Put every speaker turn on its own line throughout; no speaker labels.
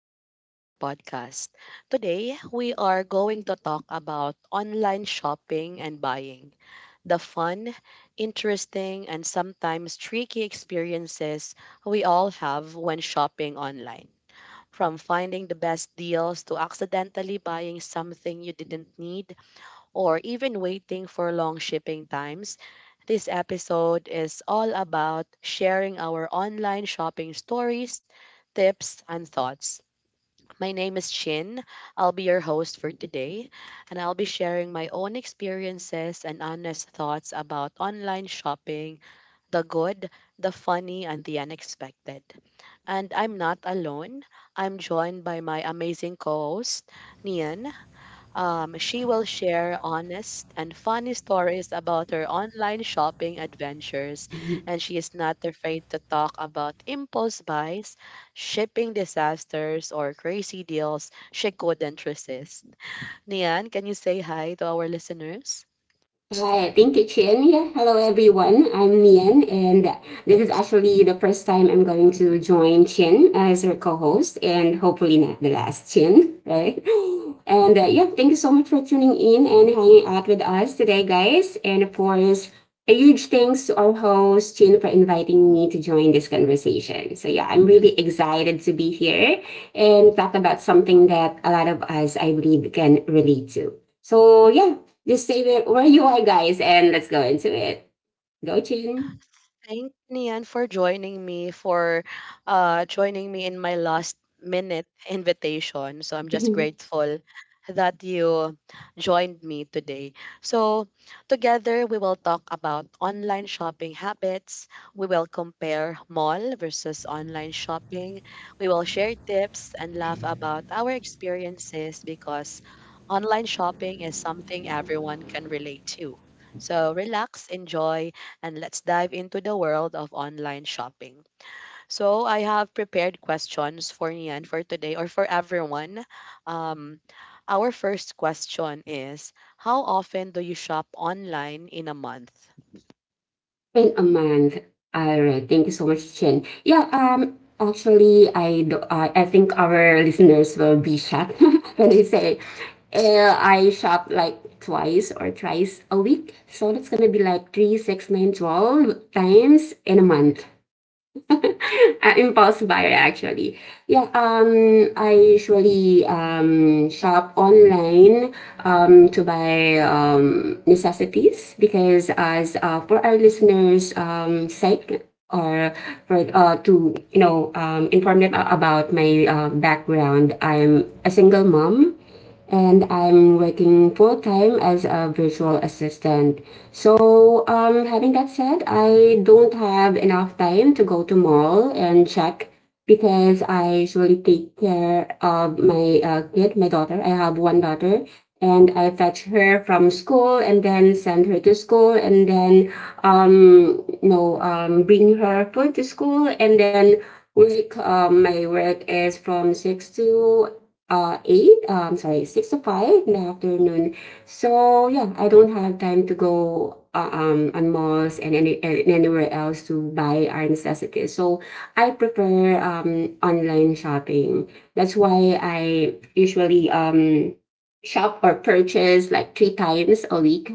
back to our podcast. Today, we are going to talk about online shopping and buying the fun, interesting, and sometimes tricky experiences we all have when shopping online. From finding the best deals to accidentally buying something you didn't need, or even waiting for long shipping times, this episode is all about sharing our online shopping stories, tips, and thoughts. My name is Chin. I'll be your host for today, and I'll be sharing my own experiences and honest thoughts about online shopping the good, the funny, and the unexpected. And I'm not alone. I'm joined by my amazing co host, Nian. She will share honest and funny stories about her online shopping adventures, and she is not afraid to talk about impulse buys, shipping disasters, or crazy deals she couldn't resist. Nian, can you say hi to our listeners?
Hi, thank you, Chin. Yeah, hello everyone. I'm Nian, and this is actually the first time I'm going to join Chin as her co-host, and hopefully not the last, Chin, right? And yeah, thank you so much for tuning in and hanging out with us today, guys. And of course, a huge thanks to our host Chin for inviting me to join this conversation. So yeah, I'm really excited to be here and talk about something that a lot of us, I believe, can relate to. So yeah, just say that where you are, guys, and let's go into it. Go, Chin.
Thank you, Nian, for joining me in my last minute invitation. So I'm just
Been
grateful that you joined me today. So together we will talk about online shopping habits. We will compare mall versus online shopping. We will share tips and laugh about our experiences because online shopping is something everyone can relate to. So relax, enjoy, and let's dive into the world of online shopping. So, I have prepared questions for Nian for today or for everyone. Um, our first question is, how often do you shop online in a month?
a month. All right. Thank you so much, Chin. Yeah. Actually, I do, I think our listeners will be shocked when they say, I shop like twice or thrice a week. So that's gonna be like three, six, nine, 12 times in a month. Impulse buyer actually. Yeah, I usually shop online, to buy necessities, because, as for our listeners' sake, or for to inform them about my background, I'm a single mom and I'm working full time as a virtual assistant. So, having that said, I don't have enough time to go to mall and check because I usually take care of my kid, my daughter. I have one daughter, and I fetch her from school and then send her to school and then bring her food to school and then work. My work is from six to eight, sorry, six to five in the afternoon. So yeah, I don't have time to go on malls and anywhere else to buy our necessities, so I prefer online shopping. That's why I usually shop or purchase like three times a week.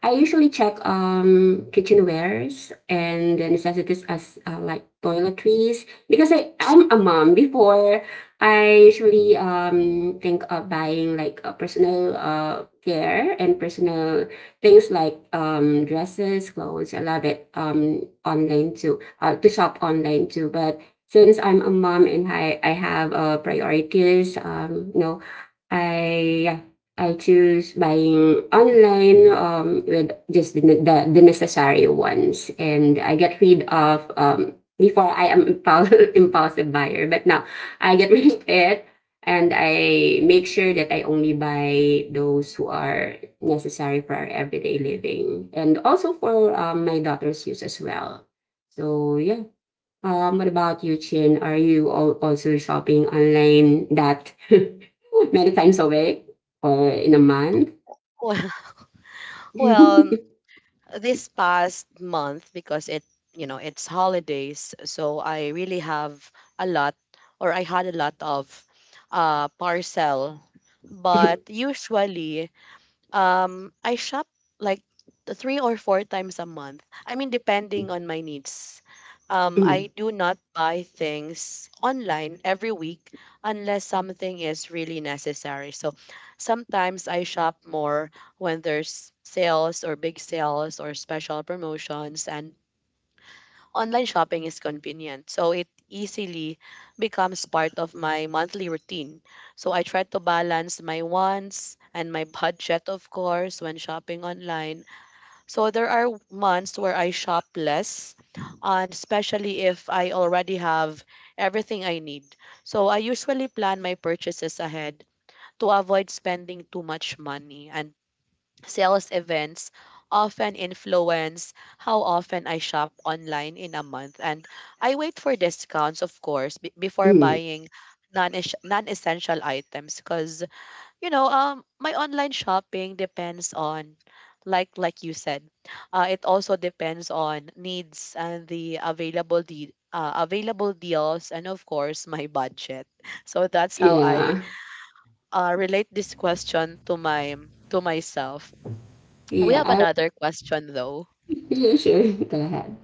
I usually check kitchenwares and the necessities, as like toiletries, because I'm a mom. Before, I usually think of buying like a personal care and personal things like dresses, clothes. I love it online too, to shop online too. But since I'm a mom and I have priorities, I I choose buying online with just the necessary ones, and I get rid of. Before, I am impulsive, impulsive buyer, but now I get rid of it, and I make sure that I only buy those who are necessary for our everyday living and also for my daughter's use as well. So yeah. What about you, Chin? Are you also shopping online that many times a week or in a month?
Well, well, this past month, because it's holidays, so I really have a lot, or I had a lot of parcel, but usually, I shop like three or four times a month. I mean, depending on my needs. I do not buy things online every week unless something is really necessary. So sometimes I shop more when there's sales or big sales or special promotions, and online shopping is convenient, so it easily becomes part of my monthly routine. So I try to balance my wants and my budget, of course, when shopping online. So there are months where I shop less, and especially if I already have everything I need. So I usually plan my purchases ahead to avoid spending too much money. And sales events often influence how often I shop online in a month, and I wait for discounts, of course, before buying non non essential items. Because you know, my online shopping depends on, like you said, it also depends on needs and the available available deals, and of course my budget. So that's how I
Yeah,
relate this question to my to myself. We
yeah.
have
I
another question though.
Yeah, sure. Go ahead.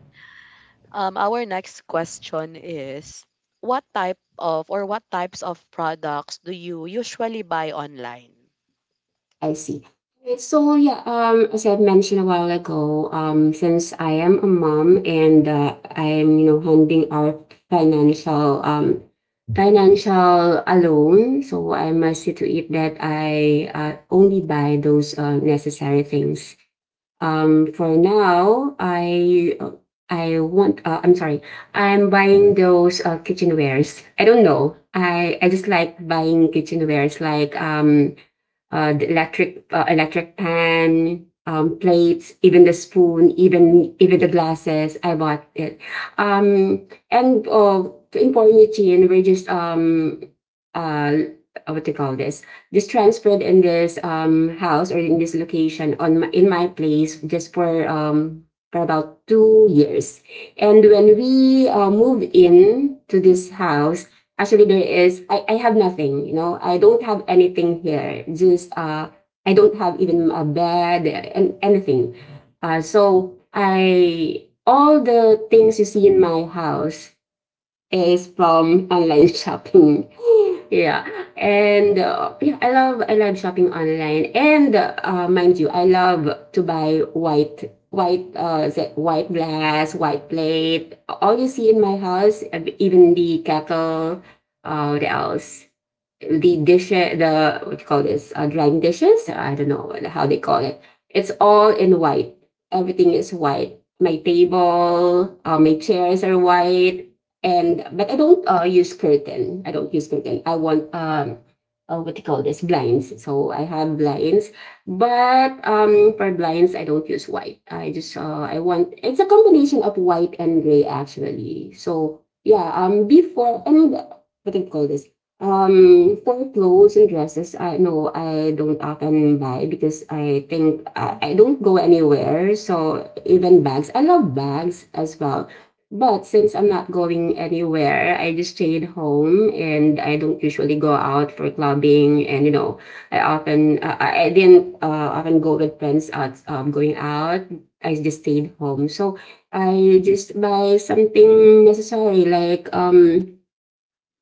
Our next question is, what type of, or what types of products do you usually buy online?
I see. So yeah, as I've mentioned a while ago, since I am a mom and I am handling our financial um financial alone, so I must see to it that I only buy those necessary things. For now, I want. I'm sorry. I'm buying those kitchenwares. I don't know. I just like buying kitchenwares like the electric pan, plates, even the spoon, even the glasses. I bought it. And in quarantine, we're just, uh, what do you call this, just transferred in this house or in this location, in my place, just for about 2 years. And when we moved in to this house, actually, I have nothing. I don't have anything here, just, I don't have even a bed and anything. So, I, all the things you see in my house is from online shopping. Yeah, and yeah, I love shopping online, and mind you, I love to buy white, is it white glass, white plate. All you see in my house, even the kettle, what else? The dish, the what you call this, drying dishes, I don't know how they call it. It's all in white. Everything is white. My table, my chairs are white. And, but I don't use curtain. I want, what you call this, blinds. So I have blinds, but for blinds I don't use white. I want, it's a combination of white and gray, actually. So yeah, before, and what do you call this, for clothes and dresses, I no, I don't often buy because I think I don't go anywhere. So even bags, I love bags as well. But since I'm not going anywhere, I just stayed home and I don't usually go out for clubbing. And you know, I didn't often go with friends out, going out. I just stayed home. So I just buy something necessary like,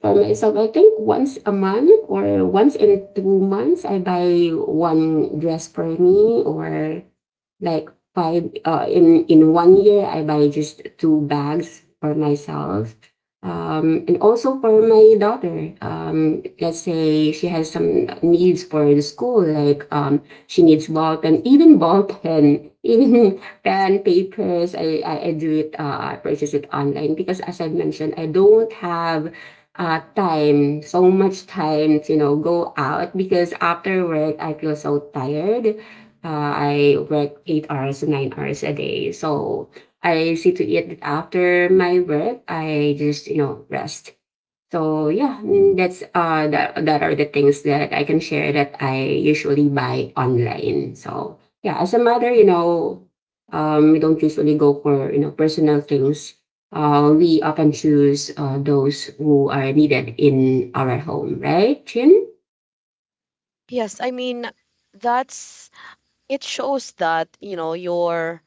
for myself, I think once a month or once in 2 months, I buy one dress for me, or like five in 1 year I buy just two bags for myself. And also for my daughter. Let's say she has some needs for the school, like, she needs ball pen, even ball pen, even pen papers. I do it. I purchase it online because, as I mentioned, I don't have so much time to go out because after work I feel so tired. I work 8 hours, 9 hours a day, so I see to it that after my work I just rest. So yeah, that are the things that I can share that I usually buy online. So yeah, as a mother, you know, we don't usually go for personal things. We often choose those who are needed in our home, right, Chin?
Yes, I mean that's, it shows that, you know,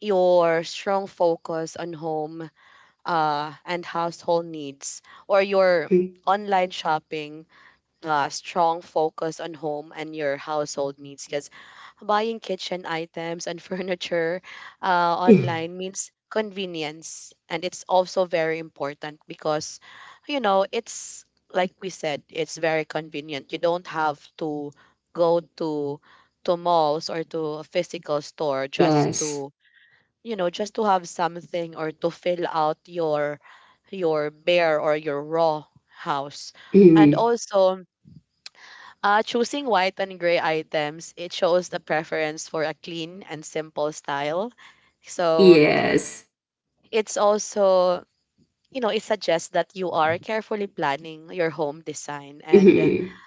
your strong focus on home and household needs, or your
Mm.
online shopping strong focus on home and your household needs, because buying kitchen items and furniture uh, online means convenience, and it's also very important because, you know, it's like we said, it's very convenient. You don't have to go to malls or to a physical store just
Yes.
to, you know, just to have something or to fill out your bare or your raw house. And
Mm.
also choosing white and gray items, it shows the preference for a clean and simple style. So
Yes.
it's also, you know, it suggests that you are carefully planning your home design. And
Mhm.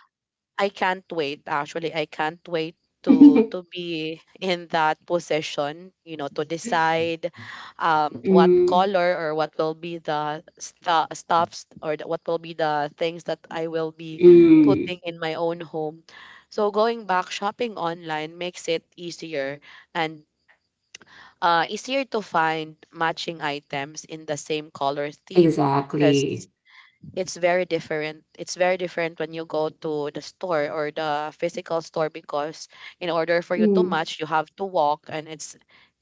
I can't wait. Actually, I can't wait to be in that position, you know, to decide what
Mm.
color or what will be the stuffs, or the, what will be the things that I will be
Mm.
putting in my own home. So going back, shopping online makes it easier and easier to find matching items in the same color theme, because
Exactly.
it's very different. It's very different when you go to the store or the physical store, because in order for you to
Mm.
match, you have to walk, and it's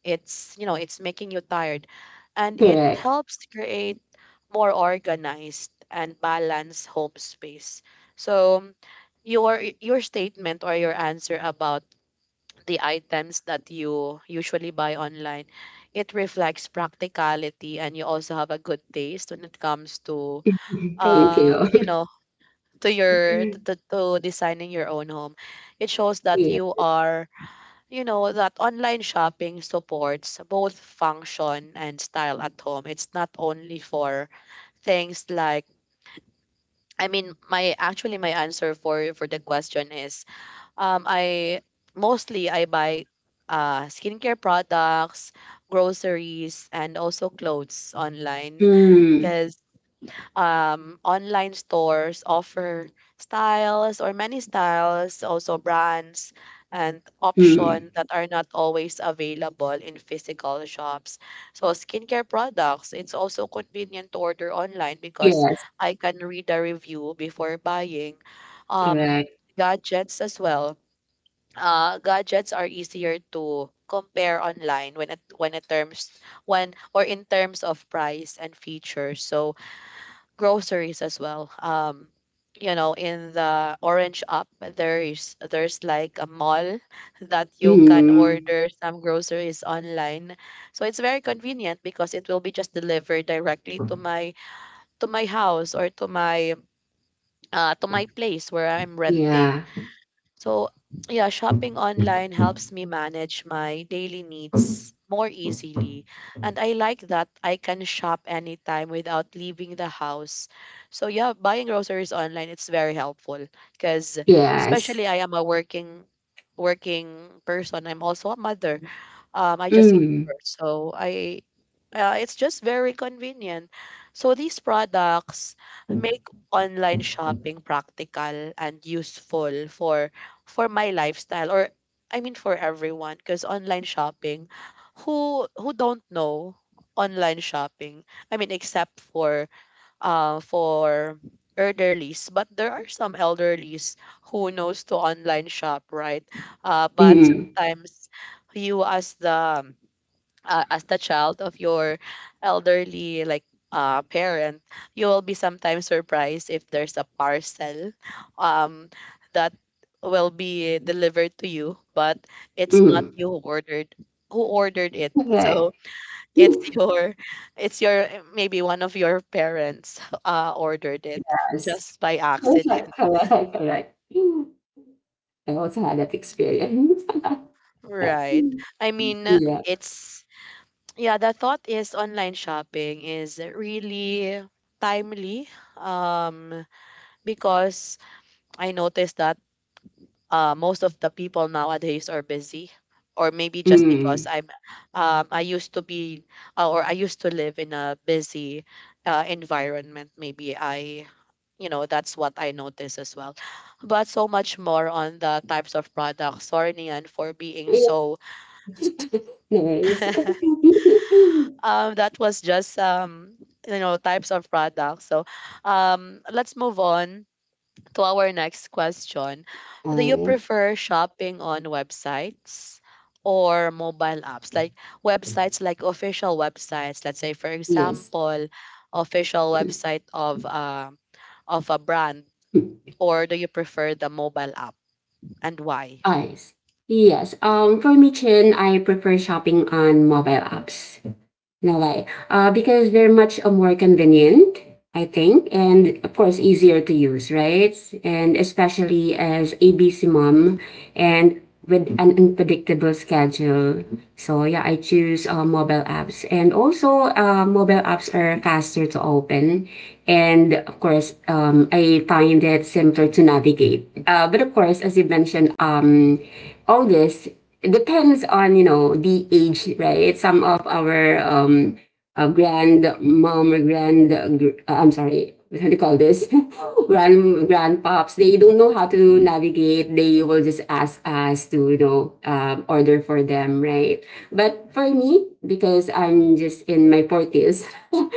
it's you know, it's making you tired. And it
Correct.
helps to create more organized and balanced home space. So your statement or your answer about the items that you usually buy online, it reflects practicality, and you also have a good taste when it comes to
Thank you.
you know, to your to designing your own home. It shows that
Yeah.
you are, you know, that online shopping supports both function and style at home. It's not only for things like, I mean, my, actually my answer for the question is, I mostly I buy skincare products, groceries, and also clothes online.
Mm,
Online stores offer styles or many styles, also brands and
mm.
options that are not always available in physical shops. So skincare products, it's also convenient to order online because
Yes,
I can read a review before buying. Um,
correct.
Gadgets as well. Gadgets are easier to compare online when it terms, when or in terms of price and features. So groceries as well. You know, in the Orange Up, there's like a mall that you can
Mm,
order some groceries online. So it's very convenient because it will be just delivered directly to my house or to my place where I'm renting.
yeah.
So, yeah, shopping online helps me manage my daily needs more easily. And I like that I can shop anytime without leaving the house. So, yeah, buying groceries online, it's very helpful because,
Yes.
especially I am a working person. I'm also a mother. I just gave
Mm,
birth. So, I it's just very convenient. So these products make online shopping practical and useful for my lifestyle, or I mean for everyone, because online shopping, who don't know online shopping, I mean except for elderlies. But there are some elderlies who knows to online shop, right? But
mm,
sometimes you, as the child of your elderly, like parent, you will be sometimes surprised if there's a parcel um, that will be delivered to you, but it's not
mm.
you who ordered it.
Correct.
So it's your it's your maybe one of your parents ordered it
Yes.
just by accident.
Correct, correct, correct. I also had that experience.
Right. I mean,
Yeah.
it's, yeah, the thought is online shopping is really timely, um, because I noticed that most of the people nowadays are busy, or maybe just because
Mm.
I'm I used to be or I used to live in a busy environment. Maybe I, you know, that's what I noticed as well. But so much more on the types of products. Sorry, Nian, for being
Yeah.
so
Nice.
that was just you know, types of products. So let's move on to our next question. Do
All
you
right.
prefer shopping on websites or mobile apps? Like, websites, like official websites. Let's say, for
Yes.
example, official website of a brand, or do you prefer the mobile app, and why?
Eyes. Yes. For me, Chin, I prefer shopping on mobile apps. No way. Because they're much more convenient, I think, and of course easier to use, right? And especially as ABC mom, and with an unpredictable schedule. So yeah, I choose mobile apps, and also mobile apps are faster to open, and of course, I find it simpler to navigate. But of course, as you mentioned, all this depends on the age, right? Some of our grandmom, or I'm sorry, what do you call this? Grandpops. They don't know how to navigate. They will just ask us to, order for them, right? But for me, because I'm just in my forties,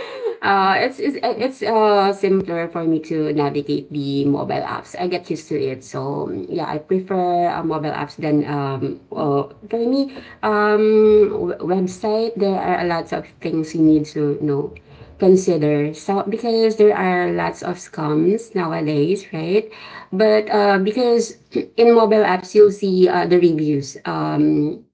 It's simpler for me to navigate the mobile apps. I get used to it, so yeah, I prefer mobile apps than. For me, website, there are a lot of things you need to know, consider. So because there are lots of scams nowadays, right? But because, in mobile apps you'll see, the reviews. Um,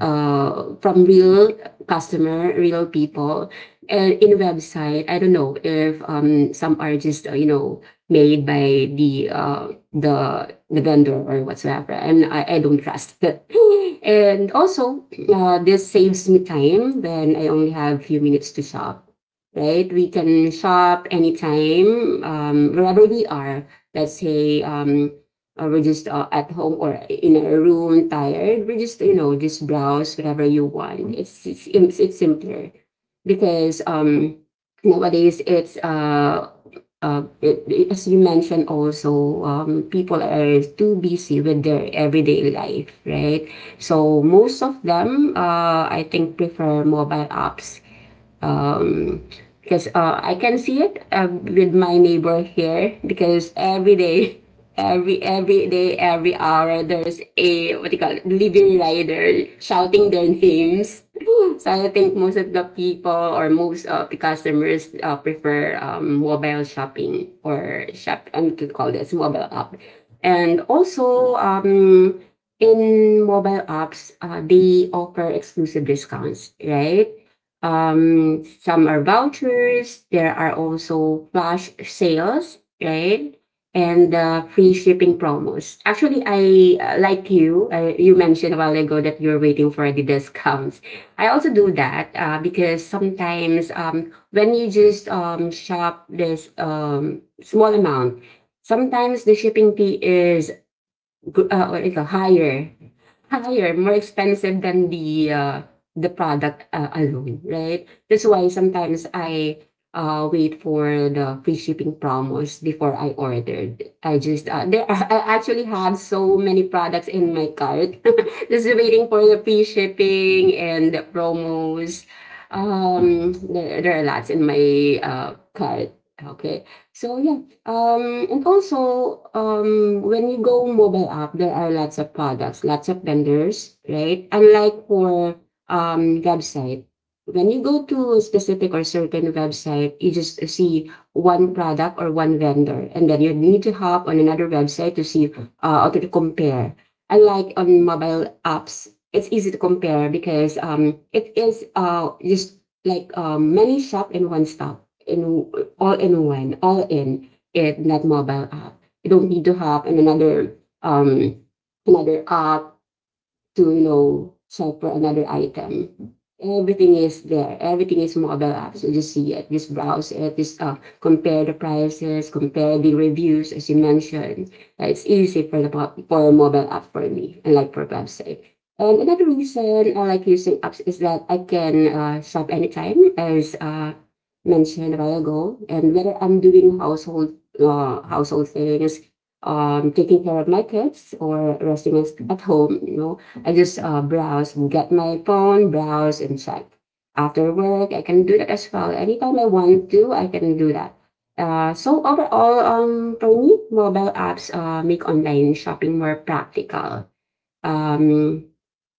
uh, From real customer, real people. And in website, I don't know if, some are just, made by the vendor or whatsoever, and I don't trust that. And also, this saves me time when I only have few minutes to shop. Right, we can shop anytime, wherever we are. Let's say, we're just at home or in a room, tired. We just just browse whatever you want. It's simpler because nowadays, as you mentioned, also, people are too busy with their everyday life, right? So most of them, I think, prefer mobile apps, um, because I can see it with my neighbor here. Because every day, every day, every hour, there's a, what do you call it, delivery rider shouting their names. So I think most of the people or most of the customers prefer mobile shopping or shop. I'm to call this mobile app. And also, in mobile apps, they offer exclusive discounts, right? Some are vouchers. There are also flash sales, right? And free shipping promos. Actually, I like you. You mentioned a while ago that you're waiting for the discounts. I also do that because sometimes when you just shop this small amount, sometimes the shipping fee is what do you call, higher, more expensive than the product alone, right? That's why sometimes I wait for the free shipping promos before I ordered. I just there are, I actually have so many products in my cart, just waiting for the free shipping and the promos. There are lots in my cart. Okay, so yeah, and also, when you go mobile app, there are lots of products, lots of vendors, right? Unlike for website, when you go to a specific or certain website, you just see one product or one vendor, and then you need to hop on another website to see, or to compare. Unlike on mobile apps, it's easy to compare because it is just like many shop in one stop in all in one all in it in that mobile app. You don't need to have um another app to, you know, shop for another item. Everything is there. Everything is mobile app. So just see it, just browse it, just compare the prices, compare the reviews, as you mentioned. It's easy for for mobile app for me, unlike for website. And another reason I like using apps is that I can shop anytime, as mentioned a while ago. And whether I'm doing household things, taking care of my kids, or resting at home, you know, I just browse and get my phone, browse and check. After work, I can do that as well. Anytime I want to, I can do that. So overall, for me, mobile apps make online shopping more practical. Um,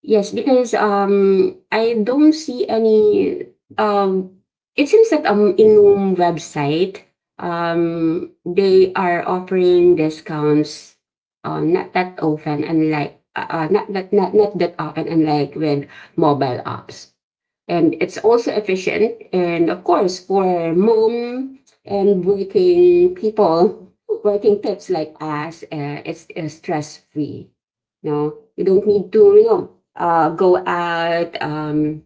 Yes, because I don't see any. Um, it seems that in Noom website, they are offering discounts. Not that often, unlike with mobile apps, and it's also efficient, and of course for mom and working people, working types like us, it's, stress free. No, you don't need to, go out,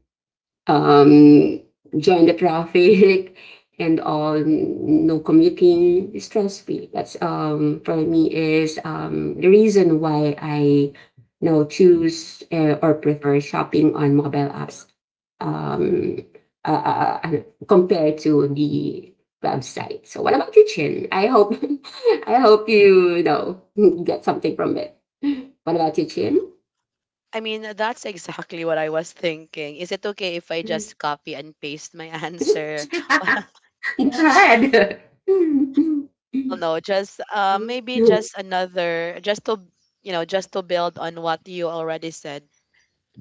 um, join the traffic and all, no commuting, stress free. That's, for me, is the reason why I you choose, or prefer shopping on mobile apps, um uh, uh, uh, compared to the website. So what about you, Chin? I hope I hope get something from it. What about you, Chin?
I mean, that's exactly what I was thinking. Is it okay if I just copy and paste my answer?
God.
Well, no, just maybe just another, just to, you know, just to build on what you already said.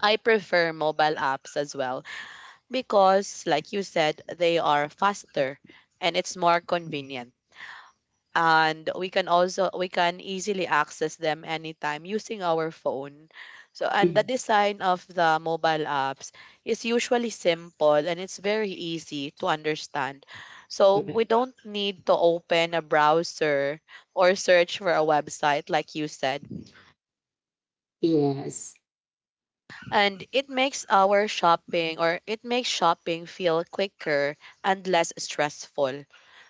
I prefer mobile apps as well because, like you said, they are faster and it's more convenient, and we can easily access them anytime using our phone. So, and the design of the mobile apps is usually simple and it's very easy to understand, so we don't need to open a browser or search for a website, like you said.
Yes,
And it makes our shopping, or it makes shopping feel quicker and less stressful.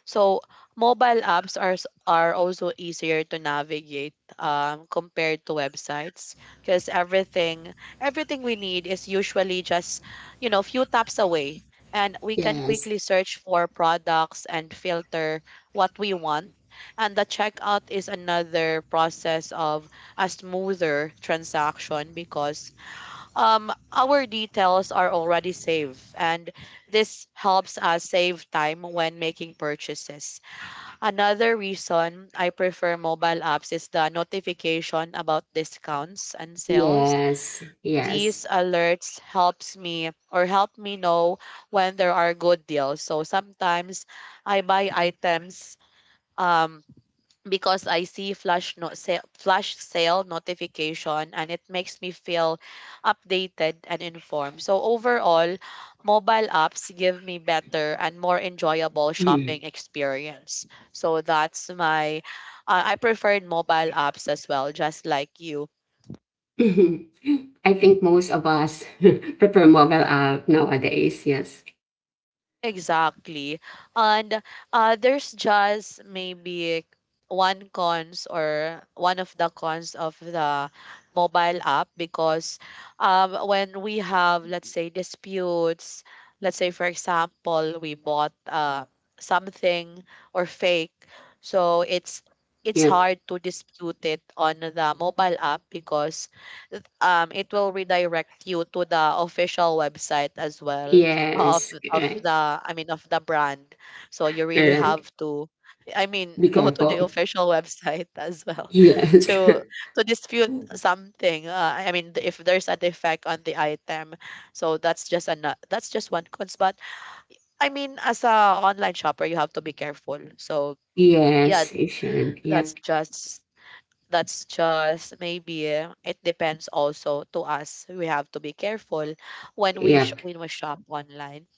So mobile apps are are also easier to navigate compared to websites, because everything we need is usually just, you know, few taps away, and we can
yes,
quickly search for products and filter what we want. And the checkout is another process of a smoother transaction because, our details are already saved, and this helps us save time when making purchases. Another reason I prefer mobile apps is the notification about discounts and sales.
yes, yes.
These alerts helps me, or help me, know when there are good deals. So sometimes I buy items um because I see flash not sale, flash sale notification, and it makes me feel updated and informed. So overall, mobile apps give me better and more enjoyable shopping experience. So that's my I preferred mobile apps as well, just like you.
I think most of us prefer mobile app nowadays. Yes,
Exactly. And There's just maybe one cons or one of the cons of the mobile app because when we have, let's say, disputes, let's say, for example, we bought something or fake, so it's
yep,
hard to dispute it on the mobile app because it will redirect you to the official website as well of
yes,
of
correct,
the I mean of the brand. So you really
correct.
have to I mean
Be
go to the
careful.
official website as well
Yes,
to to dispute something. I mean if there's a defect on the item. So that's just one cons. But I mean as a online shopper you have to be careful. So yeah,
yes, you should.
that's
Yep,
just that's just maybe it depends also to us. We have to be careful when
yep,
when we shop online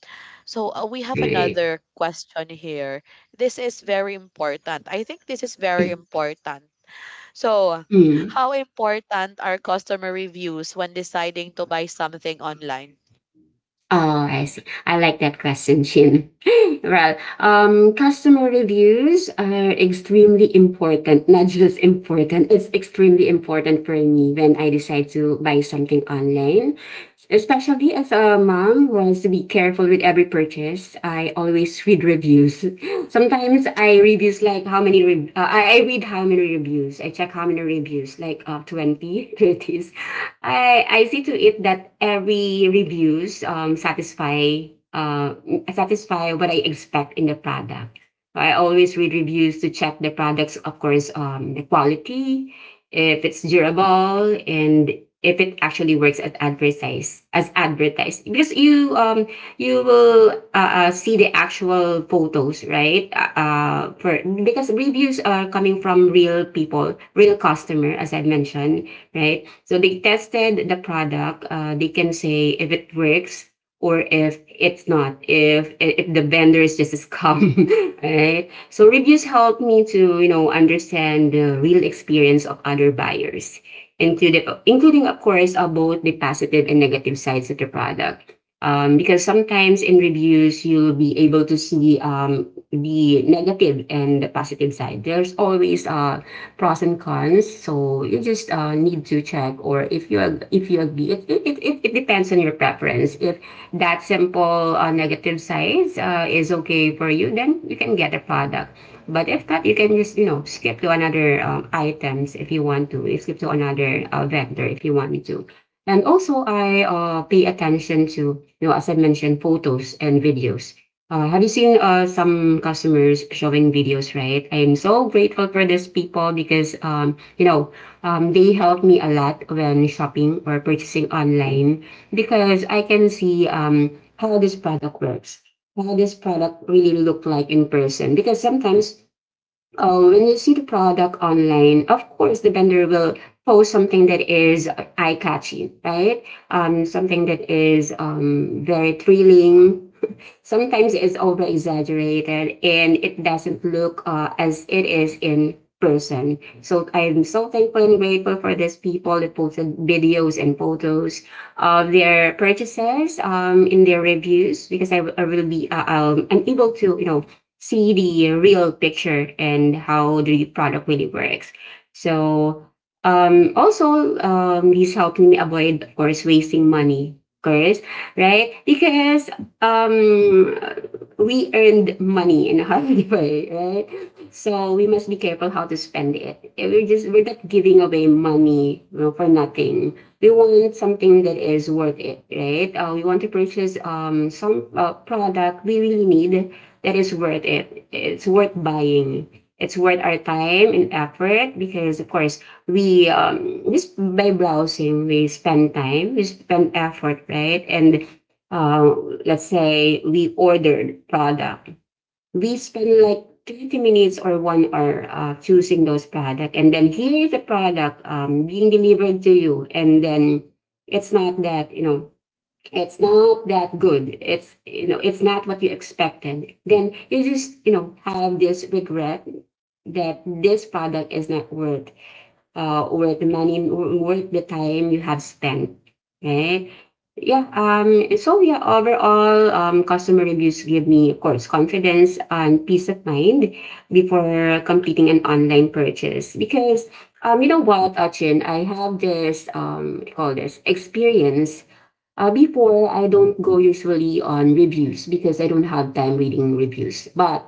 so we have
right.
another question here. This is very important. I think this is very important. So, how important are customer reviews when deciding to buy something online?
Oh, I see. I like that question, Chin. Well, customer reviews are extremely important. Not just important, it's extremely important for me when I decide to buy something online. Especially as a mom who has to be careful with every purchase, I always read reviews. Sometimes I reviews like how many I read how many reviews. I check how many reviews, like, 20, thirties. I see to it that every reviews satisfy what I expect in the product. So, I always read reviews to check the products, of course, the quality, if it's durable, and if it actually works as advertised. Because you, you will see the actual photos, right? For because reviews are coming from real people, real customer, as I mentioned, right? So they tested the product. They can say if it works or if it's not. If the vendor is just a scam, right? So reviews help me to, understand the real experience of other buyers, including of course, both the positive and negative sides of the product. Because sometimes in reviews, you'll be able to see, the negative and the positive side. There's always, pros and cons, so you just need to check. Or if you agree, it depends on your preference. If that simple negative size is okay for you, then you can get a product. But if not, you can just skip to another items if you want to. You skip to another vector if you want to. And also, I pay attention to, as I mentioned, photos and videos. Have you seen some customers showing videos, right? I'm so grateful for these people because, they help me a lot when shopping or purchasing online because I can see, how this product works, how this product really look like in person. Because sometimes when you see the product online, of course the vendor will post something that is eye catching, right? Something that is very thrilling, sometimes it's over exaggerated and it doesn't look as it is in person. So I'm so thankful and grateful for these people that posted videos and photos of their purchases in their reviews because I will be I'm able to see the real picture and how the product really works. So also this helped me avoid of course wasting money. Of course, right? Because um we earned money in a hard way, right? So we must be careful how to spend it. We're not giving away money, for nothing. We want something that is worth it, right? We want to purchase some product we really need that is worth it. It's worth buying. It's worth our time and effort because, of course, we, just by browsing, we spend time, we spend effort, right? And uh, let's say we ordered product, we spend like 30 minutes or 1 hour choosing those product, and then here is the product being delivered to you, and then it's not that, it's not that good, it's not what you expected. Then you just have this regret that this product is not worth the money, worth the time you have spent, right? Yeah, and so yeah, overall, customer reviews give me, of course, confidence and peace of mind before completing an online purchase. Because, you know what, Achin, I have this, what do you call this, experience. Before, I don't go usually on reviews because I don't have time reading reviews. But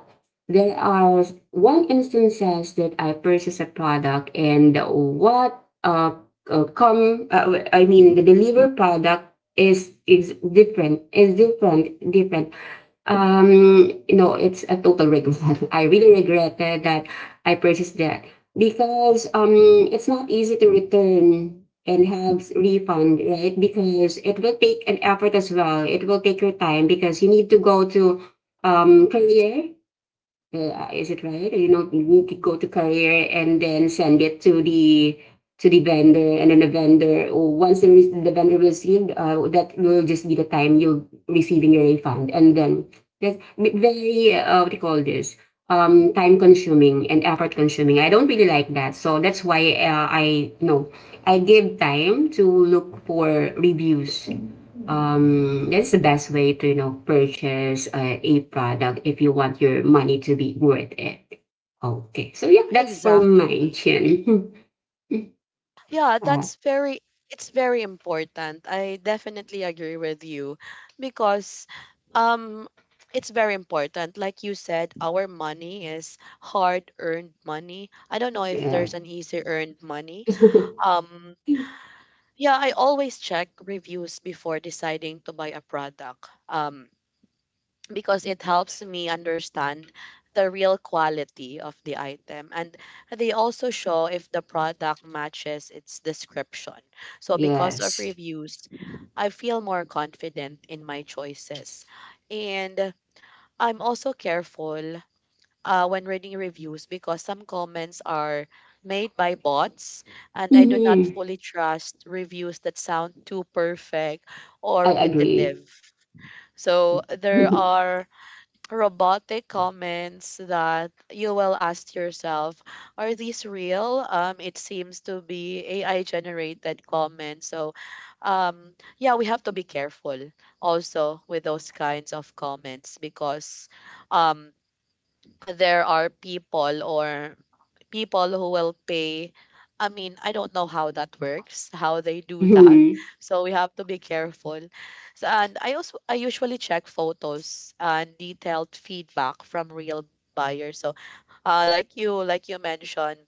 there are one instances that I purchase a product, and what uh, come I mean, the deliver product is different, it's a total regret. I really regretted that I purchased that because it's not easy to return and have refund, right? Because it will take an effort as well. It will take your time because you need to go to, career. Is it right? You could go to career and then send it to the vendor, and then the vendor, or once the vendor received, that will just be the time you'll receiving your refund. And then that's very, what do you call this? Time consuming and effort consuming. I don't really like that, so that's why, I, no, I give time to look for reviews. That's the best way to purchase a product if you want your money to be worth it. Okay, so yeah, that's for mine,
Exactly.
Chin. uh,
Yeah, that's very it's very important. I definitely agree with you because um it's very important. Like you said, our money is hard earned money. I don't know if
yeah.
there's an easy earned money. Um Yeah, I always check reviews before deciding to buy a product because it helps me understand the real quality of the item. And they also show if the product matches its description. So, because of
Yes.
reviews, I feel more confident in my choices. And I'm also careful when reading reviews because some comments are made by bots and I do not
Mhm.
fully trust reviews that sound too perfect or
I agree.
repetitive. So there are robotic comments that you will ask yourself, are these real? It seems to be AI generated comments. So yeah, we have to be careful also with those kinds of comments because um, there are people who will pay I mean, I don't know how that works, how they do that.
Mhm.
So we have to be careful. So, and I also I usually check photos and detailed feedback from real buyers. So, like you mentioned,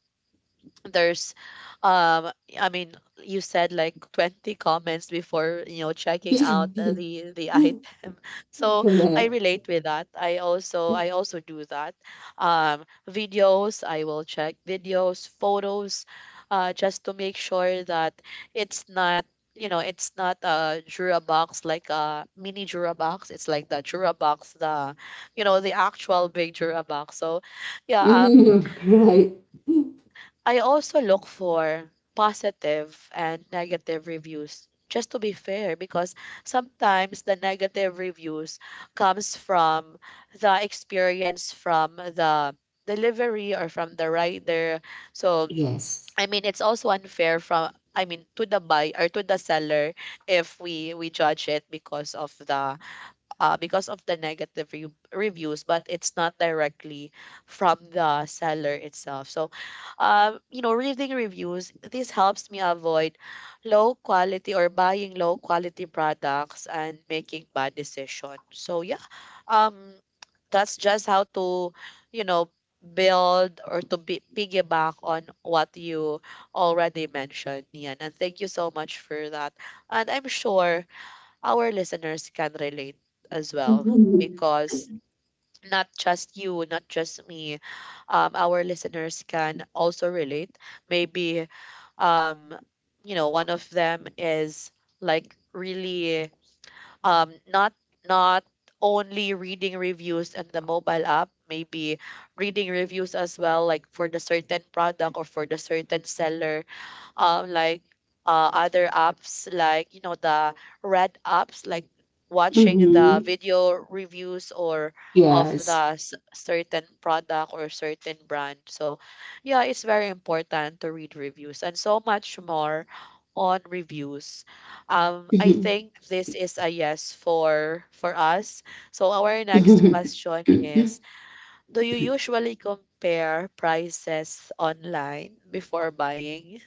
there's um I mean you said like 20 comments before you know checking out the item so I
Correct.
relate with that I also do that videos I will check videos photos just to make sure that it's not you know it's not a jura box like a mini jura box it's like the jura box the you know the actual big jura box so yeah
Mhm. Right.
I also look for positive and negative reviews just to be fair because sometimes the negative reviews comes from the experience from the delivery or from the rider so
Yes.
I mean it's also unfair from I mean to the buyer or to the seller if we judge it because of the reviews, but it's not directly from the seller itself. So, you know, reading reviews, this helps me avoid low quality or buying low quality products and making bad decisions. So, yeah, um, that's just how to, you know, build or to be, piggyback on what you already mentioned, Nian. And thank you so much for that. And I'm sure our listeners can relate as well
Mhm.
because not just you, not just me, our listeners can also relate. Maybe, um, you know, one of them is like really um, not not only reading reviews in the mobile app, maybe reading reviews as well, like for the certain product or for the certain seller like other apps like you know the red apps like watching the
Mhm.
video reviews or of
Yes.
the certain product or certain brand so yeah it's very important to read reviews and so much more on reviews I
Mhm.
think this is a yes for us so our next question is do you usually compare prices online before buying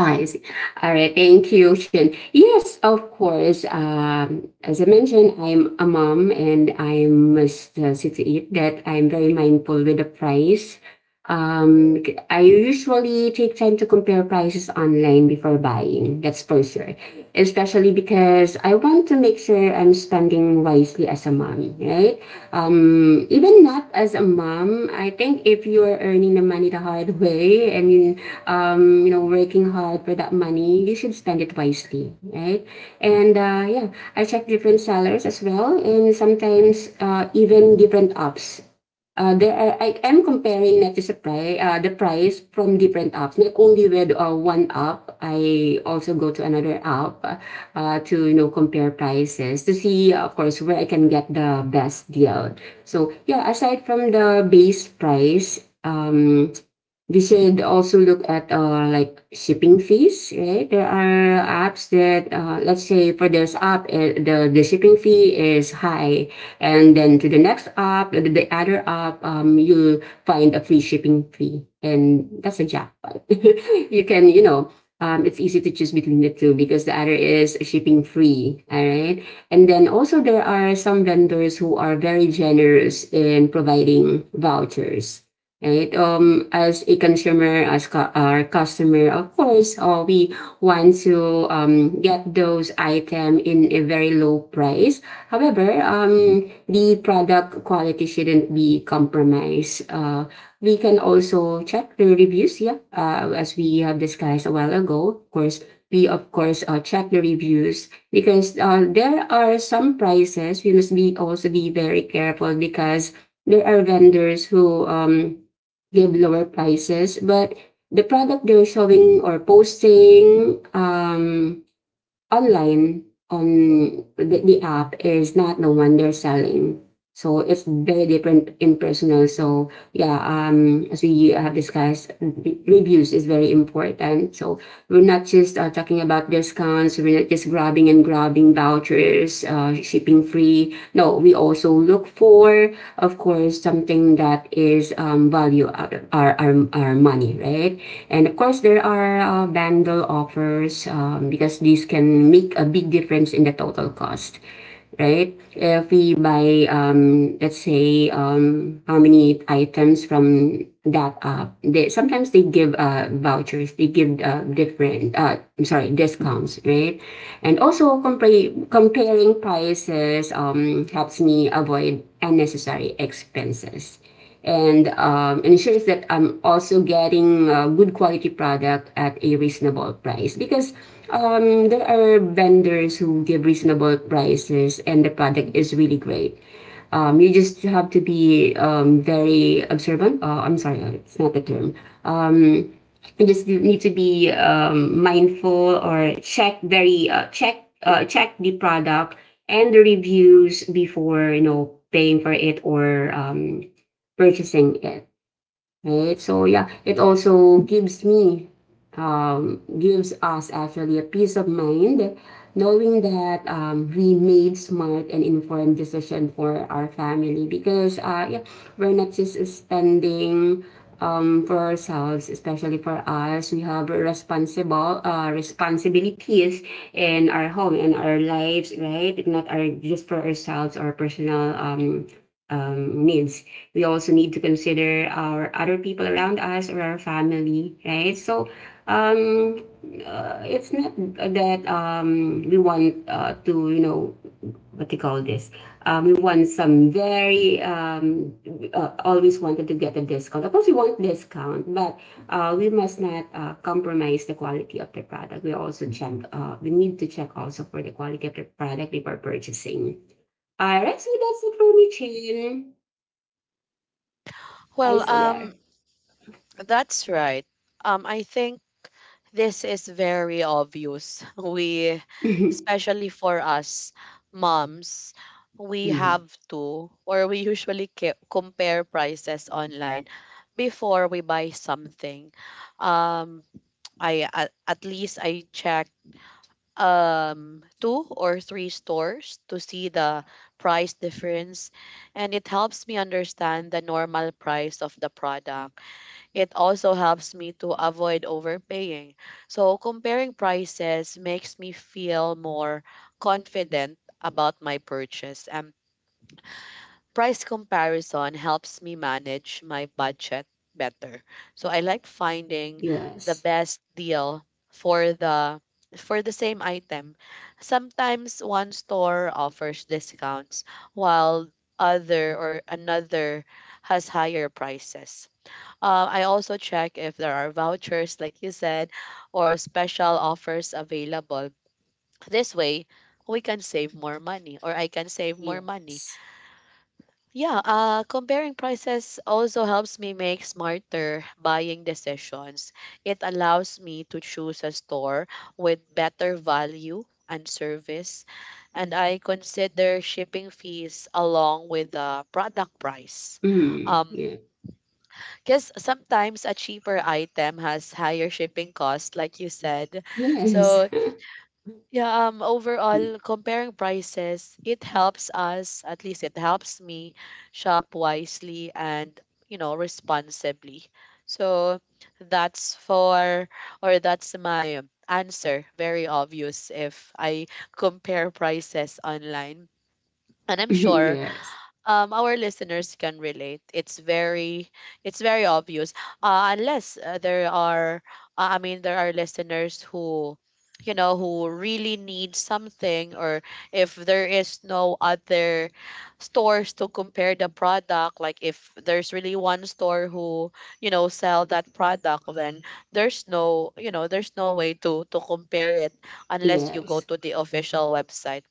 Oh, I see. All right. Thank you, Shin. Yes, of course. As I mentioned, I'm a mom and I must see to it that I'm very mindful with the price. Um, I usually take time to compare prices online before buying. That's for sure. Especially because I want to make sure I'm spending wisely as a mom, right? Even not as a mom, I think if you are earning the money the hard way and you, you know working hard for that money, you should spend it wisely, right? And yeah, I check different sellers as well, and sometimes even different apps, I am comparing not just sa price. The price from different apps. Not only with one app, I also go to another app to compare prices to see, of course, where I can get the best deal. So yeah, aside from the base price, we should also look at like shipping fees, right? There are apps that, let's say for this app, the shipping fee is high, and then to the next app, the other app, you'll find a free shipping fee, and that's a jackpot. You can, it's easy to choose between the two because the other is shipping free. All right, and then also there are some vendors who are very generous in providing vouchers. Right. As a consumer, as our customer, of course, we want to get those items in a very low price. However, the product quality shouldn't be compromised. We can also check the reviews, yeah, as we have discussed a while ago. Of course, check the reviews because there are some prices we must be also be very careful because there are vendors who give lower prices, but the product they're showing or posting online on the app is not the one they're selling. So it's very different in personal. So yeah, as we have discussed, reviews is very important. So we're not just talking about discounts, we're not just grabbing and grabbing vouchers, shipping free. No, we also look for, of course, something that is value out of our money, right? And of course, there are bundle offers because these can make a big difference in the total cost. Right? If we buy, how many items from that app, they sometimes they give vouchers, they give I'm sorry, discounts, right? And also compare comparing prices helps me avoid unnecessary expenses and ensures that I'm also getting a good quality product at a reasonable price because there are vendors who give reasonable prices and the product is really great. You just have to be very observant. I'm sorry, it's not the term. Um, you just need to be mindful or check very check check the product and the reviews before you know paying for it or purchasing it, right? So yeah, it also gives gives us actually a peace of mind knowing that we made smart and informed decision for our family because yeah, we're not just spending for ourselves, especially for us. We have responsible responsibilities in our home and our lives, right? Not our just for ourselves or personal needs. We also need to consider our other people around us or our family, right? So um, it's not that we want to, you know, what do you call this? We want some very always wanted to get a discount. Of course, we want discount, but we must not compromise the quality of the product. We also check. We need to check also for the quality of the product before purchasing. I actually that's it for me, Chin. I
Well,
still there.
that's right. I think this is very obvious. We, especially for us moms, we
Mm,
have to, or we usually compare prices online before we buy something. Um, I at least I check two or three stores to see the price difference and it helps me understand the normal price of the product it also helps me to avoid overpaying. So comparing prices makes me feel more confident about my purchase. Price comparison helps me manage my budget better. So I like finding the
yes.
best deal for the same item. Sometimes one store offers discounts while other or another has higher prices. I also check if there are vouchers, like you said, or special offers available. This way, we can save more money, or I can save more money.
Yes.
Yeah, comparing prices also helps me make smarter buying decisions. It allows me to choose a store with better value and service, and I consider shipping fees along with the product price.
Mm,
Um,
yeah.
because sometimes a cheaper item has higher shipping cost, like you said.
Yes.
So yeah,
Yes.
overall, comparing prices, it helps us, at least it helps me, shop wisely and you know responsibly. So that's for, or that's my answer. Very obvious if I compare prices online, and I'm sure
Yes.
our listeners can relate. It's it's very obvious. Unless I mean, there are listeners who, you know, who really need something, or if there is no other stores to compare the product, like if there's really one store who, you know, sell that product, then there's no, you know, there's no way to compare it unless you go to the official website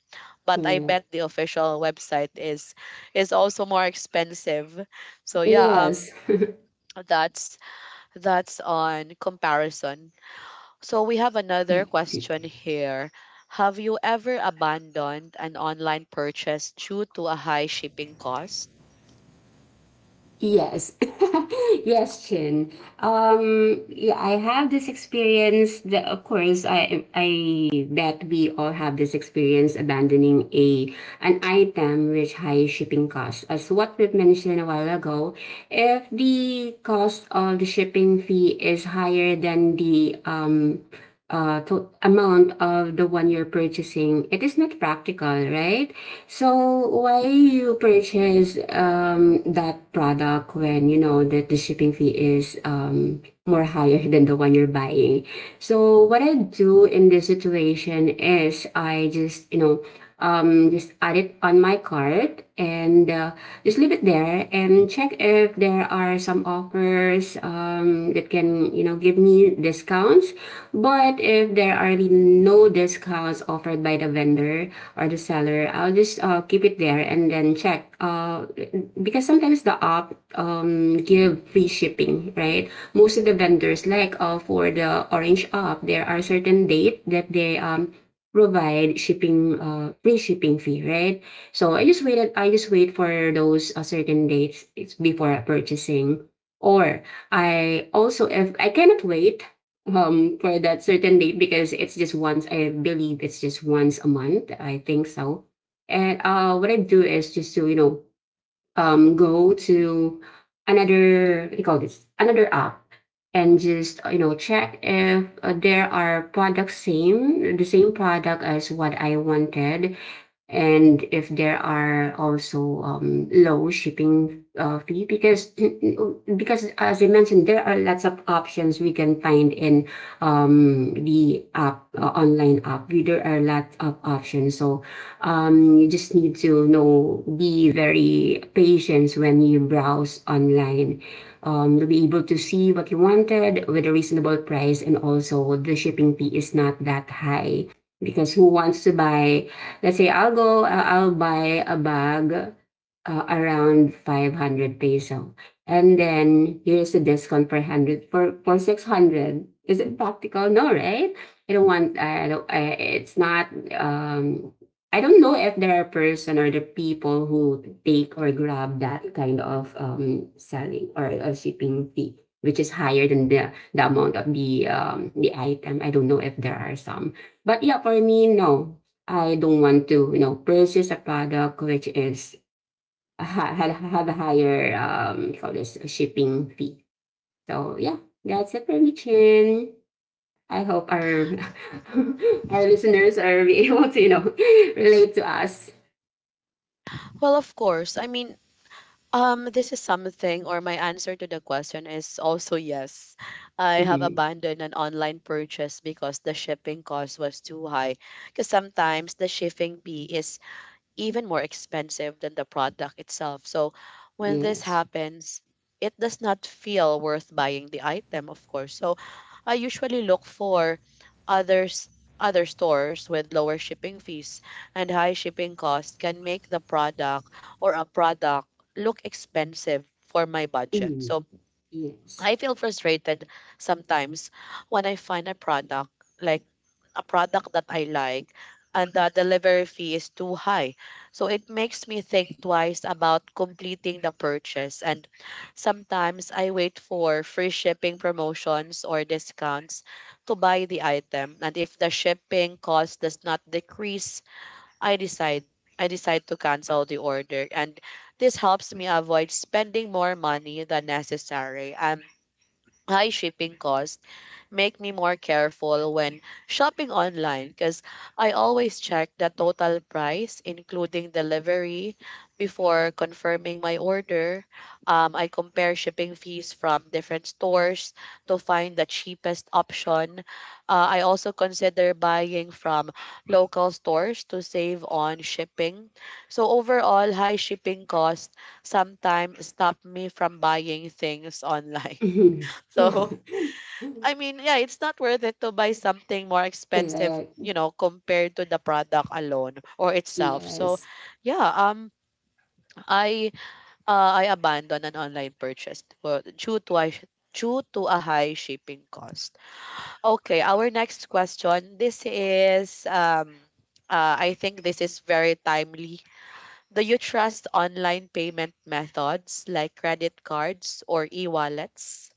but I
Correct.
bet the official website is also more expensive. So yeah,
Yes.
that's that's on comparison. So we have another question here. Have you ever abandoned an online purchase due to a high shipping cost?
Yes, yes, Chin. Yeah, I have this experience that, of course, I bet we all have this experience abandoning a an item with high shipping costs. As what we've mentioned a while ago, if the cost of the shipping fee is higher than the to amount of the one you're purchasing, it is not practical, right? So why you purchase that product when you know that the shipping fee is more higher than the one you're buying? So what I do in this situation is I just you know just add it on my cart and just leave it there and check if there are some offers that can you know give me discounts, but if there are really no discounts offered by the vendor or the seller, I'll just keep it there and then check because sometimes the app give free shipping, right? Most of the vendors like for the Orange app, there are certain date that they provide shipping free shipping fee, right? So I just wait for those certain dates it's before purchasing, or I also, if I cannot wait for that certain date because it's just once, I believe it's just once a month I think so. And what I do is just to you know go to another, what do you call this, another app, and just, you know, check if there are the same product as what I wanted, and if there are also low shipping fee because because as I mentioned there are lots of options we can find in the app online app, there are lots of options. So you just need to know be very patient when you browse online. You'll be able to see what you wanted with a reasonable price, and also the shipping fee is not that high because who wants to buy, let's say, I'll go, I'll buy a bag around 500 peso. And then here's the discount for 100, for 600. Is it practical? No, right? I don't want, I don't, I, it's not, I don't know if there are person or the people who take or grab that kind of selling or shipping fee, which is higher than the amount of the item. I don't know if there are some, but yeah, for me, no. I don't want to, you know, purchase a product which is have a higher for this shipping fee. So yeah, that's it for me, Chin. I hope our our listeners are able to, you know, relate to us.
Well, of course. I mean, this is something, or my answer to the question is also yes. I have
Mhm.
abandoned an online purchase because the shipping cost was too high. Because sometimes the shipping fee is even more expensive than the product itself. So when this
Yes.
happens, it does not feel worth buying the item, of course. So I usually look for others other stores with lower shipping fees and high shipping costs can make the product or a product look expensive for my budget.
Mm.
So
Yes.
I feel frustrated sometimes when I find a product like a product that I like and the delivery fee is too high. So it makes me think twice about completing the purchase. And sometimes I wait for free shipping promotions or discounts to buy the item. And if the shipping cost does not decrease, I decide I decide to cancel the order. And this helps me avoid spending more money than necessary. High shipping cost make me more careful when shopping online because I always check the total price, including delivery, before confirming my order. I compare shipping fees from different stores to find the cheapest option. I also consider buying from local stores to save on shipping. So, overall, high shipping costs sometimes stop me from buying things online.
Mhm. Yeah.
So, I mean, yeah, it's not worth it to buy something more expensive,
Correct.
you know, compared to the product alone or itself. So,
Yes.
yeah, I I abandoned an online purchase for, due to I due to a high shipping cost. Okay, our next question. This is. I think this is very timely. Do you trust online payment methods like credit cards or e-wallets?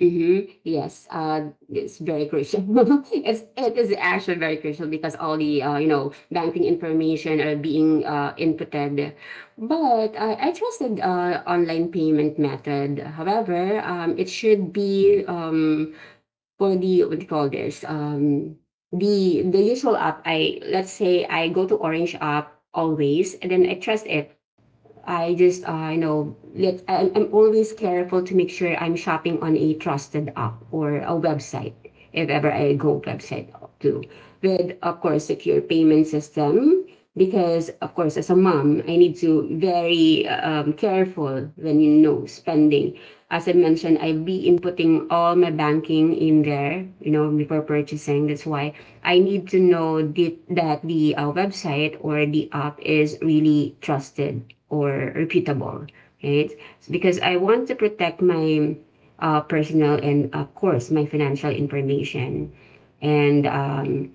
Mm-hmm. Yes, it's very crucial. It is actually very crucial because all the you know banking information are being inputted. But I trusted online payment method. However, it should be for the what do you call this the usual app. I let's say I go to Orange app always, and then I trust it. I just you know let I'm always careful to make sure I'm shopping on a trusted app or a website, if ever I go website to with of course secure payment system because of course as a mom I need to be very careful when you mean no spending. As I mentioned, I've been inputting all my banking in there, you know, before purchasing. That's why I need to know that the website or the app is really trusted or reputable, right? Because I want to protect my personal and, of course, my financial information. And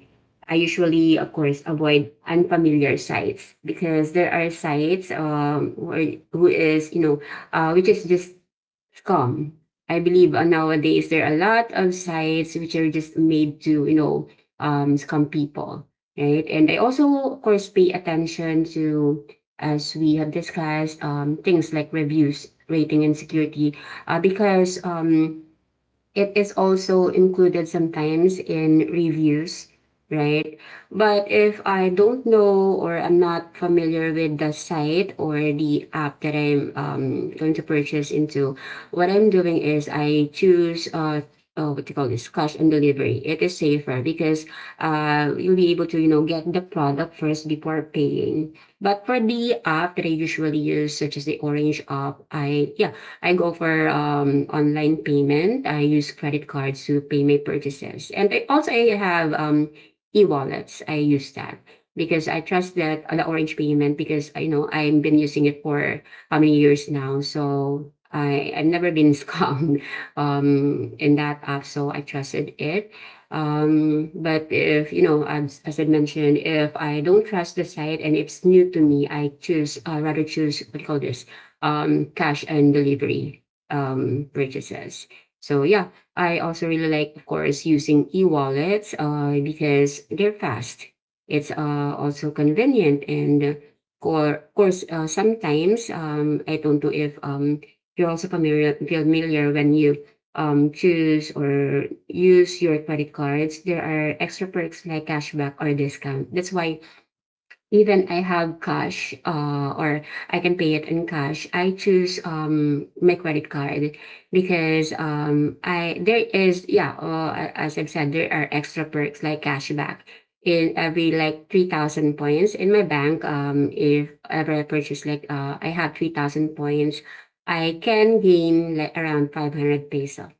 I usually, of course, avoid unfamiliar sites because there are sites where, who is you know which is just scam. I believe nowadays there are a lot of sites which are just made to you know scam people, right? And I also, of course, pay attention to as we have discussed things like reviews, rating, and security, because it is also included sometimes in reviews, right? But if I don't know or I'm not familiar with the site or the app that I'm going to purchase into, what I'm doing is I choose what do you call this cash and delivery. It is safer because you'll be able to you know get the product first before paying. But for the app that I usually use, such as the Orange app, I yeah I go for online payment. I use credit cards to pay my purchases. And I have e-wallets. I use that because I trust that the Orange payment, because I know I've been using it for how many years now. So I've never been scammed in that app. So I trusted it. But if, you know, as I mentioned, if I don't trust the site and it's new to me, I choose, rather choose, what do you call this, cash and delivery purchases. So yeah, I also really like, of course, using e-wallets because they're fast. It's also convenient and of course, sometimes I don't know if you're also familiar when you choose or use your credit cards, there are extra perks like cashback or discount. That's why even I have cash or I can pay it in cash, I choose my credit card because I there is yeah as I've said there are extra perks like cashback in every like 3,000 points in my bank. If ever I purchase like I have 3,000 points, I can gain like around 500 peso.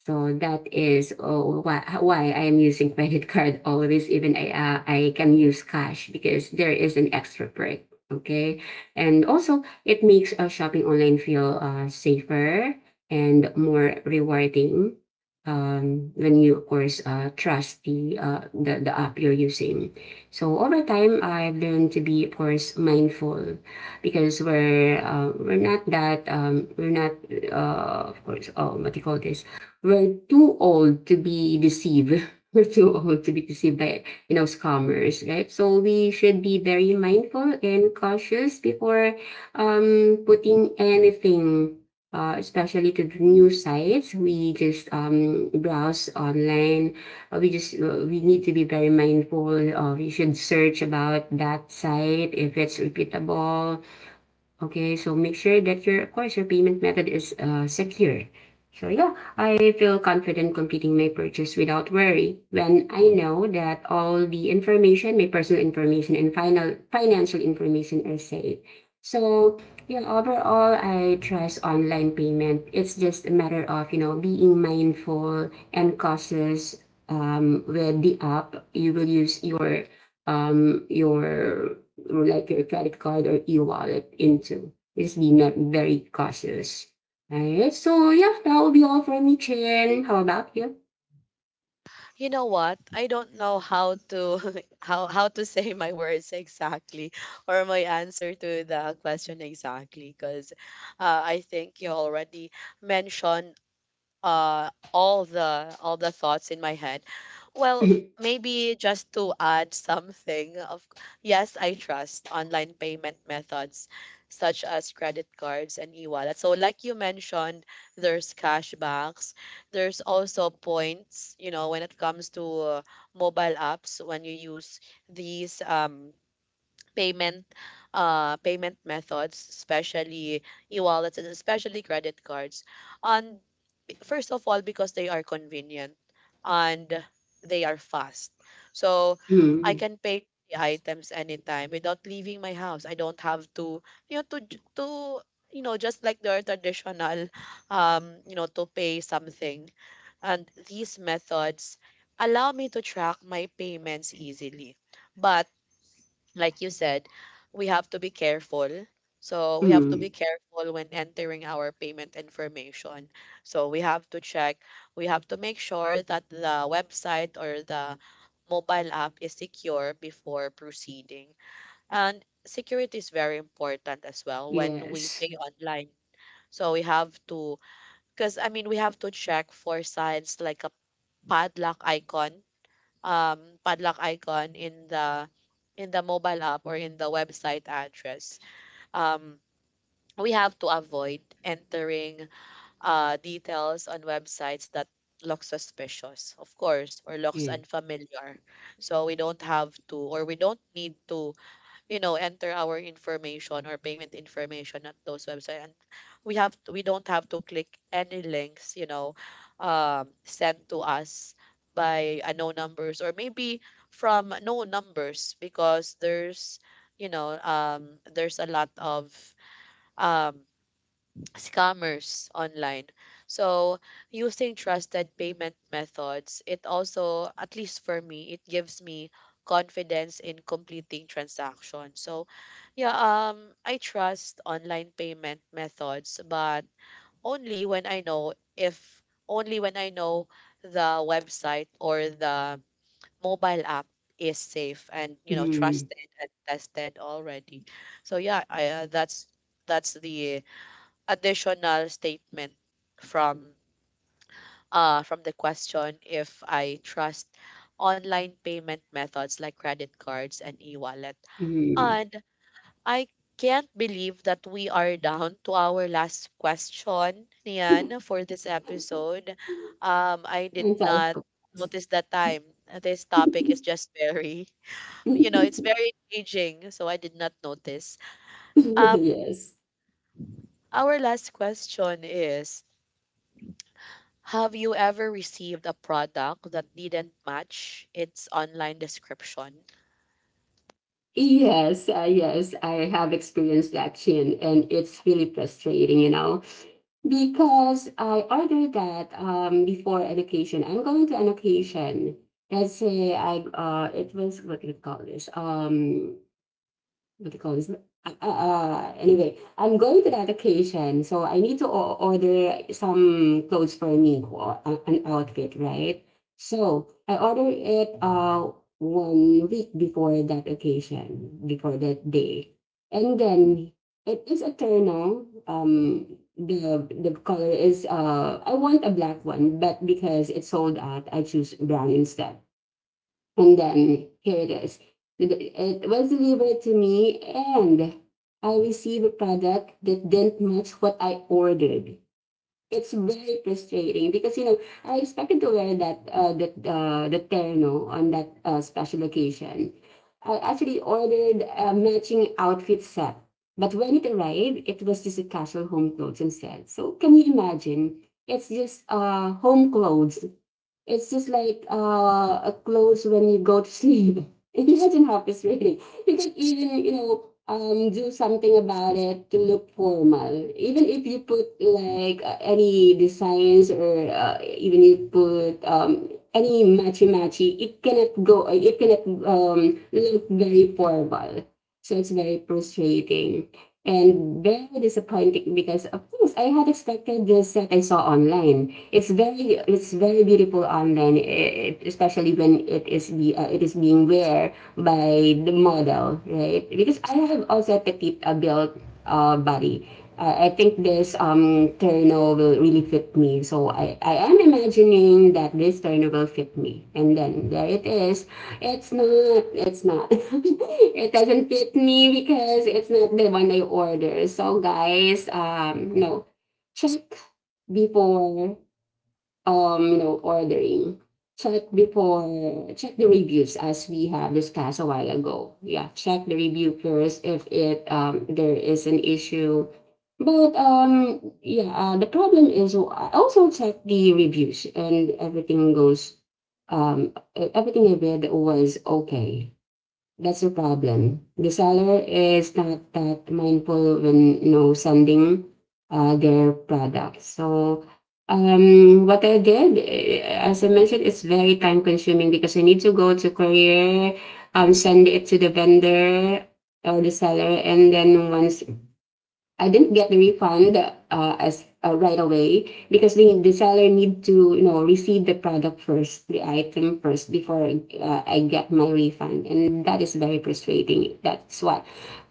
So that is why I am using credit card always, even I can use cash because there is an extra perk. Okay. And also, it makes shopping online feel safer and more rewarding when you, of course, trust the app you're using. So over time, I've learned to be, of course, mindful because we're not that, we're not, of course, oh, what do you call this? We're too old to be deceived. We're too old to be deceived by scammers, right? So we should be very mindful and cautious before putting anything, especially to the news sites we just browse online. We need to be very mindful. We should search about that site if it's reputable. Okay, so make sure that your, of course, your payment method is secure. So yeah, I feel confident completing my purchase without worry when I know that all the information, my personal information and final financial information are safe. So yeah, overall, I trust online payment. It's just a matter of, you know, being mindful and cautious with the app. You will use your um, your like your credit card or e-wallet into. Just be not very cautious. Alright, so yeah, that will be all from me, Chen. How about you?
You know what? I don't know how to how to say my words exactly or my answer to the question exactly because I think you already mentioned all the thoughts in my head well maybe just to add something of yes I trust online payment methods such as credit cards and e-wallet so like you mentioned there's cashbacks there's also points you know when it comes to mobile apps when you use these payment payment methods especially e-wallets and especially credit cards and First of all, because they are convenient and they are fast. So I
Mm.
can pay the items anytime without leaving my house. I don't have to, you know, to j- to you know, just like the traditional, you know, to pay something. And these methods allow me to track my payments easily. But like you said, we have to be careful. So we have to be
Mm,
careful when entering our payment information. So we have to check, we have to make sure that the website or the mobile app is secure before proceeding. And security is very important as well when we
yes.
pay online. So we have to, because I mean, we have to check for signs like a padlock icon in the mobile app or in the website address. Um, we have to avoid entering details on websites that look suspicious, of course, or looks
Yeah.
unfamiliar. So we don't have to, or we don't need to enter our information or payment information at those websites, and we don't have to click any links. Sent to us by unknown numbers or maybe from known numbers because there's there's a lot of um, scammers online. So using trusted payment methods, it also, at least for me, it gives me confidence in completing transactions. So yeah, I trust online payment methods, but only when I know if only when I know the website or the mobile app is safe and
Mm.
trusted and tested already. So yeah, I, that's the additional statement from from the question if I trust online payment methods like credit cards and e-wallet.
Mm.
And I can't believe that we are down to our last question, Nian, for this episode. I did
Sometimes
not
so fast.
notice the time. This topic is just very, it's very engaging, so I did not notice. Um,
Yes.
our last question is, have you ever received a product that didn't match its online description?
Yes, yes, I have experienced that, Chin, and it's really frustrating, you know. Because I ordered that before education, I'm going to education. Let's say I it was what do you call this? What do you call this? Anyway, I'm going to that occasion, so I need to order some clothes for me, or an outfit, right? So I order it 1 week before that occasion, before that day, and then it is eternal. The color is I want a black one, but because it's sold out, I choose brown instead. And then here it is. It was delivered to me and I received a product that didn't match what I ordered. It's very frustrating because you know I expected to wear that that the terno on that special occasion. I actually ordered a matching outfit set, but when it arrived, it was just a casual home clothes instead. So can you imagine? It's just home clothes, it's just like a clothes when you go to sleep. Imagine how it's really. You can even, you know, do something about it to look formal. Even if you put like any designs or even you put any matchy matchy, it cannot go. It cannot look very formal. So it's very frustrating and very disappointing because of course I had expected the set I saw online. It's very beautiful online, especially when it is be it is being wear by the model, right? Because I have also a petite built body. I think this terno will really fit me, so I am imagining that this terno will fit me, and then there it is. It's not. It doesn't fit me because it's not the one I ordered. So guys, no, check before, you know, ordering, check before, check the reviews as we have discussed a while ago. Yeah, check the review first if it, there is an issue. But the problem is I also check the reviews and everything goes, everything I read was okay. That's the problem. The seller is not that mindful when you know sending their products. So what I did, as I mentioned, it's very time consuming because I need to go to courier, send it to the vendor or the seller, and then once I didn't get the refund as right away because the seller need to you know receive the product first, the item first before I get my refund, and that is very frustrating. That's why,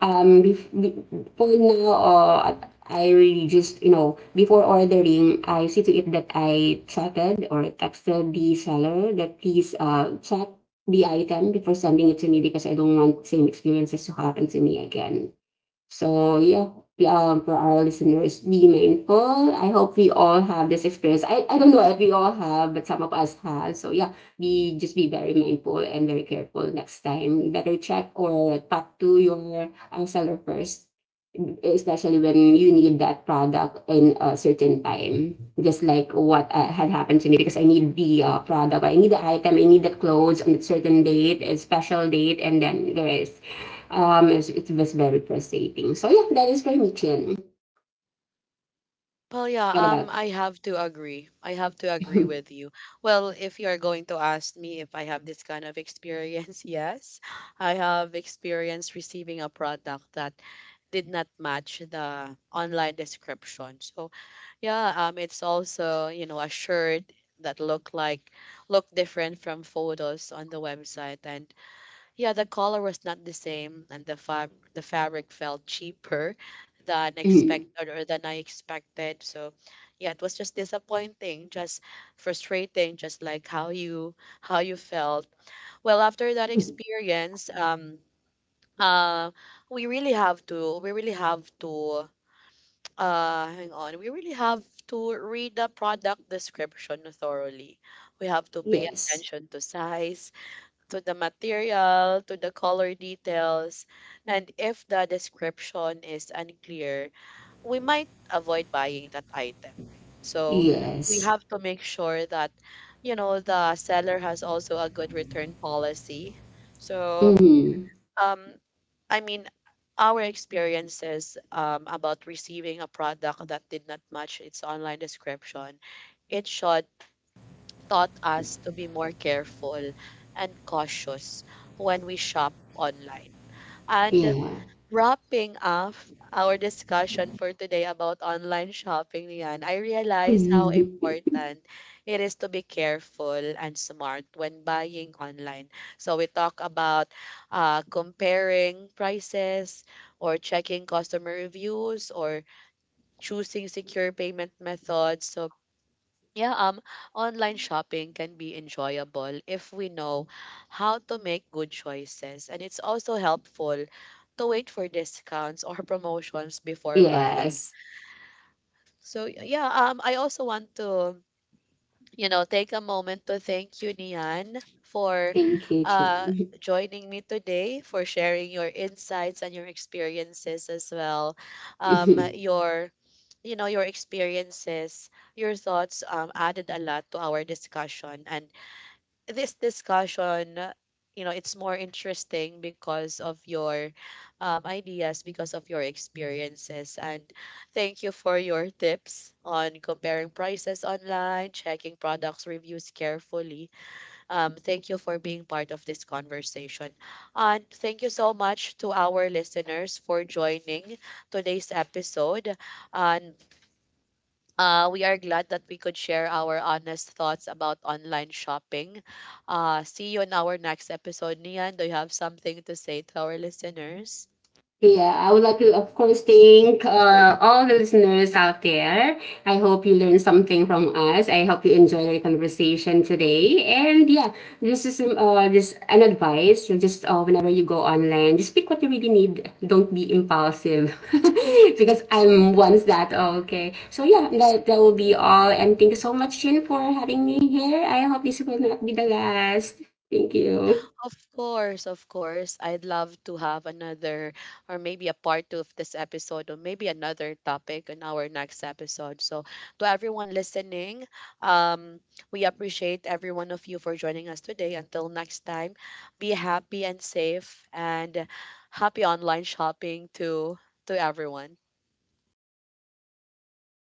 um, before now, I really just you know before ordering, I see to it that I chatted or texted the seller that please check the item before sending it to me because I don't want same experiences to happen to me again. So yeah, for our listeners, be mindful. I hope we all have this experience. I don't know if we all have, but some of us have. So yeah, be just be very mindful and very careful next time. Better check or talk to your seller first, especially when you need that product in a certain time. Just like what had happened to me because I need the product, I need the item, I need the clothes on a certain date, a special date, and then there is it was very frustrating. So yeah, that is for me, Chin.
Well,
What
yeah,
about?
I have to agree. I have to agree with you. Well, if you are going to ask me if I have this kind of experience, yes, I have experience receiving a product that did not match the online description. So, yeah, it's also, you know, a shirt that look different from photos on the website. And yeah, the color was not the same, and the fabric felt cheaper than
Mhm.
expected or than I expected. So, yeah, it was just disappointing, just frustrating, just like how you felt. Well, after that experience, uh, we really have to hang on. We really have to read the product description thoroughly. We have to pay
Yes.
attention to size, to the material, to the color details, and if the description is unclear, we might avoid buying that item. So we
Yes.
have to make sure that, you know, the seller has also a good return policy. So,
Mhm.
um, I mean, our experiences about receiving a product that did not match its online description, it should taught us to be more careful and cautious when we shop online. And
Yeah.
wrapping up our discussion for today about online shopping, Rian, I realize how
Mhm.
important it is to be careful and smart when buying online. So we talk about comparing prices or checking customer reviews or choosing secure payment methods. So yeah, online shopping can be enjoyable if we know how to make good choices. And it's also helpful to wait for discounts or promotions before buying.
Yes.
So, yeah, I also want to, you know, take a moment to thank you, Nian, for
Thank you,
uh,
Chin.
joining me today, for sharing your insights and your experiences as well. Your your experiences, your thoughts added a lot to our discussion. And this discussion, you know, it's more interesting because of your ideas, because of your experiences. And thank you for your tips on comparing prices online, checking products reviews carefully. Thank you for being part of this conversation, and thank you so much to our listeners for joining today's episode. And we are glad that we could share our honest thoughts about online shopping. See you in our next episode. Nian, do you have something to say to our listeners?
Yeah, I would like to, of course, thank all the listeners out there. I hope you learned something from us. I hope you enjoyed our conversation today. And yeah, this is just an advice. You just whenever you go online, just pick what you really need. Don't be impulsive, because I'm once that. Okay, so yeah, that will be all. And thank you so much, Chin, for having me here. I hope this will not be the last. Thank you.
Of course, of course. I'd love to have another, or maybe a part two of this episode, or maybe another topic in our next episode. So, to everyone listening, um, we appreciate every one of you for joining us today. Until next time, be happy and safe, and happy online shopping to everyone.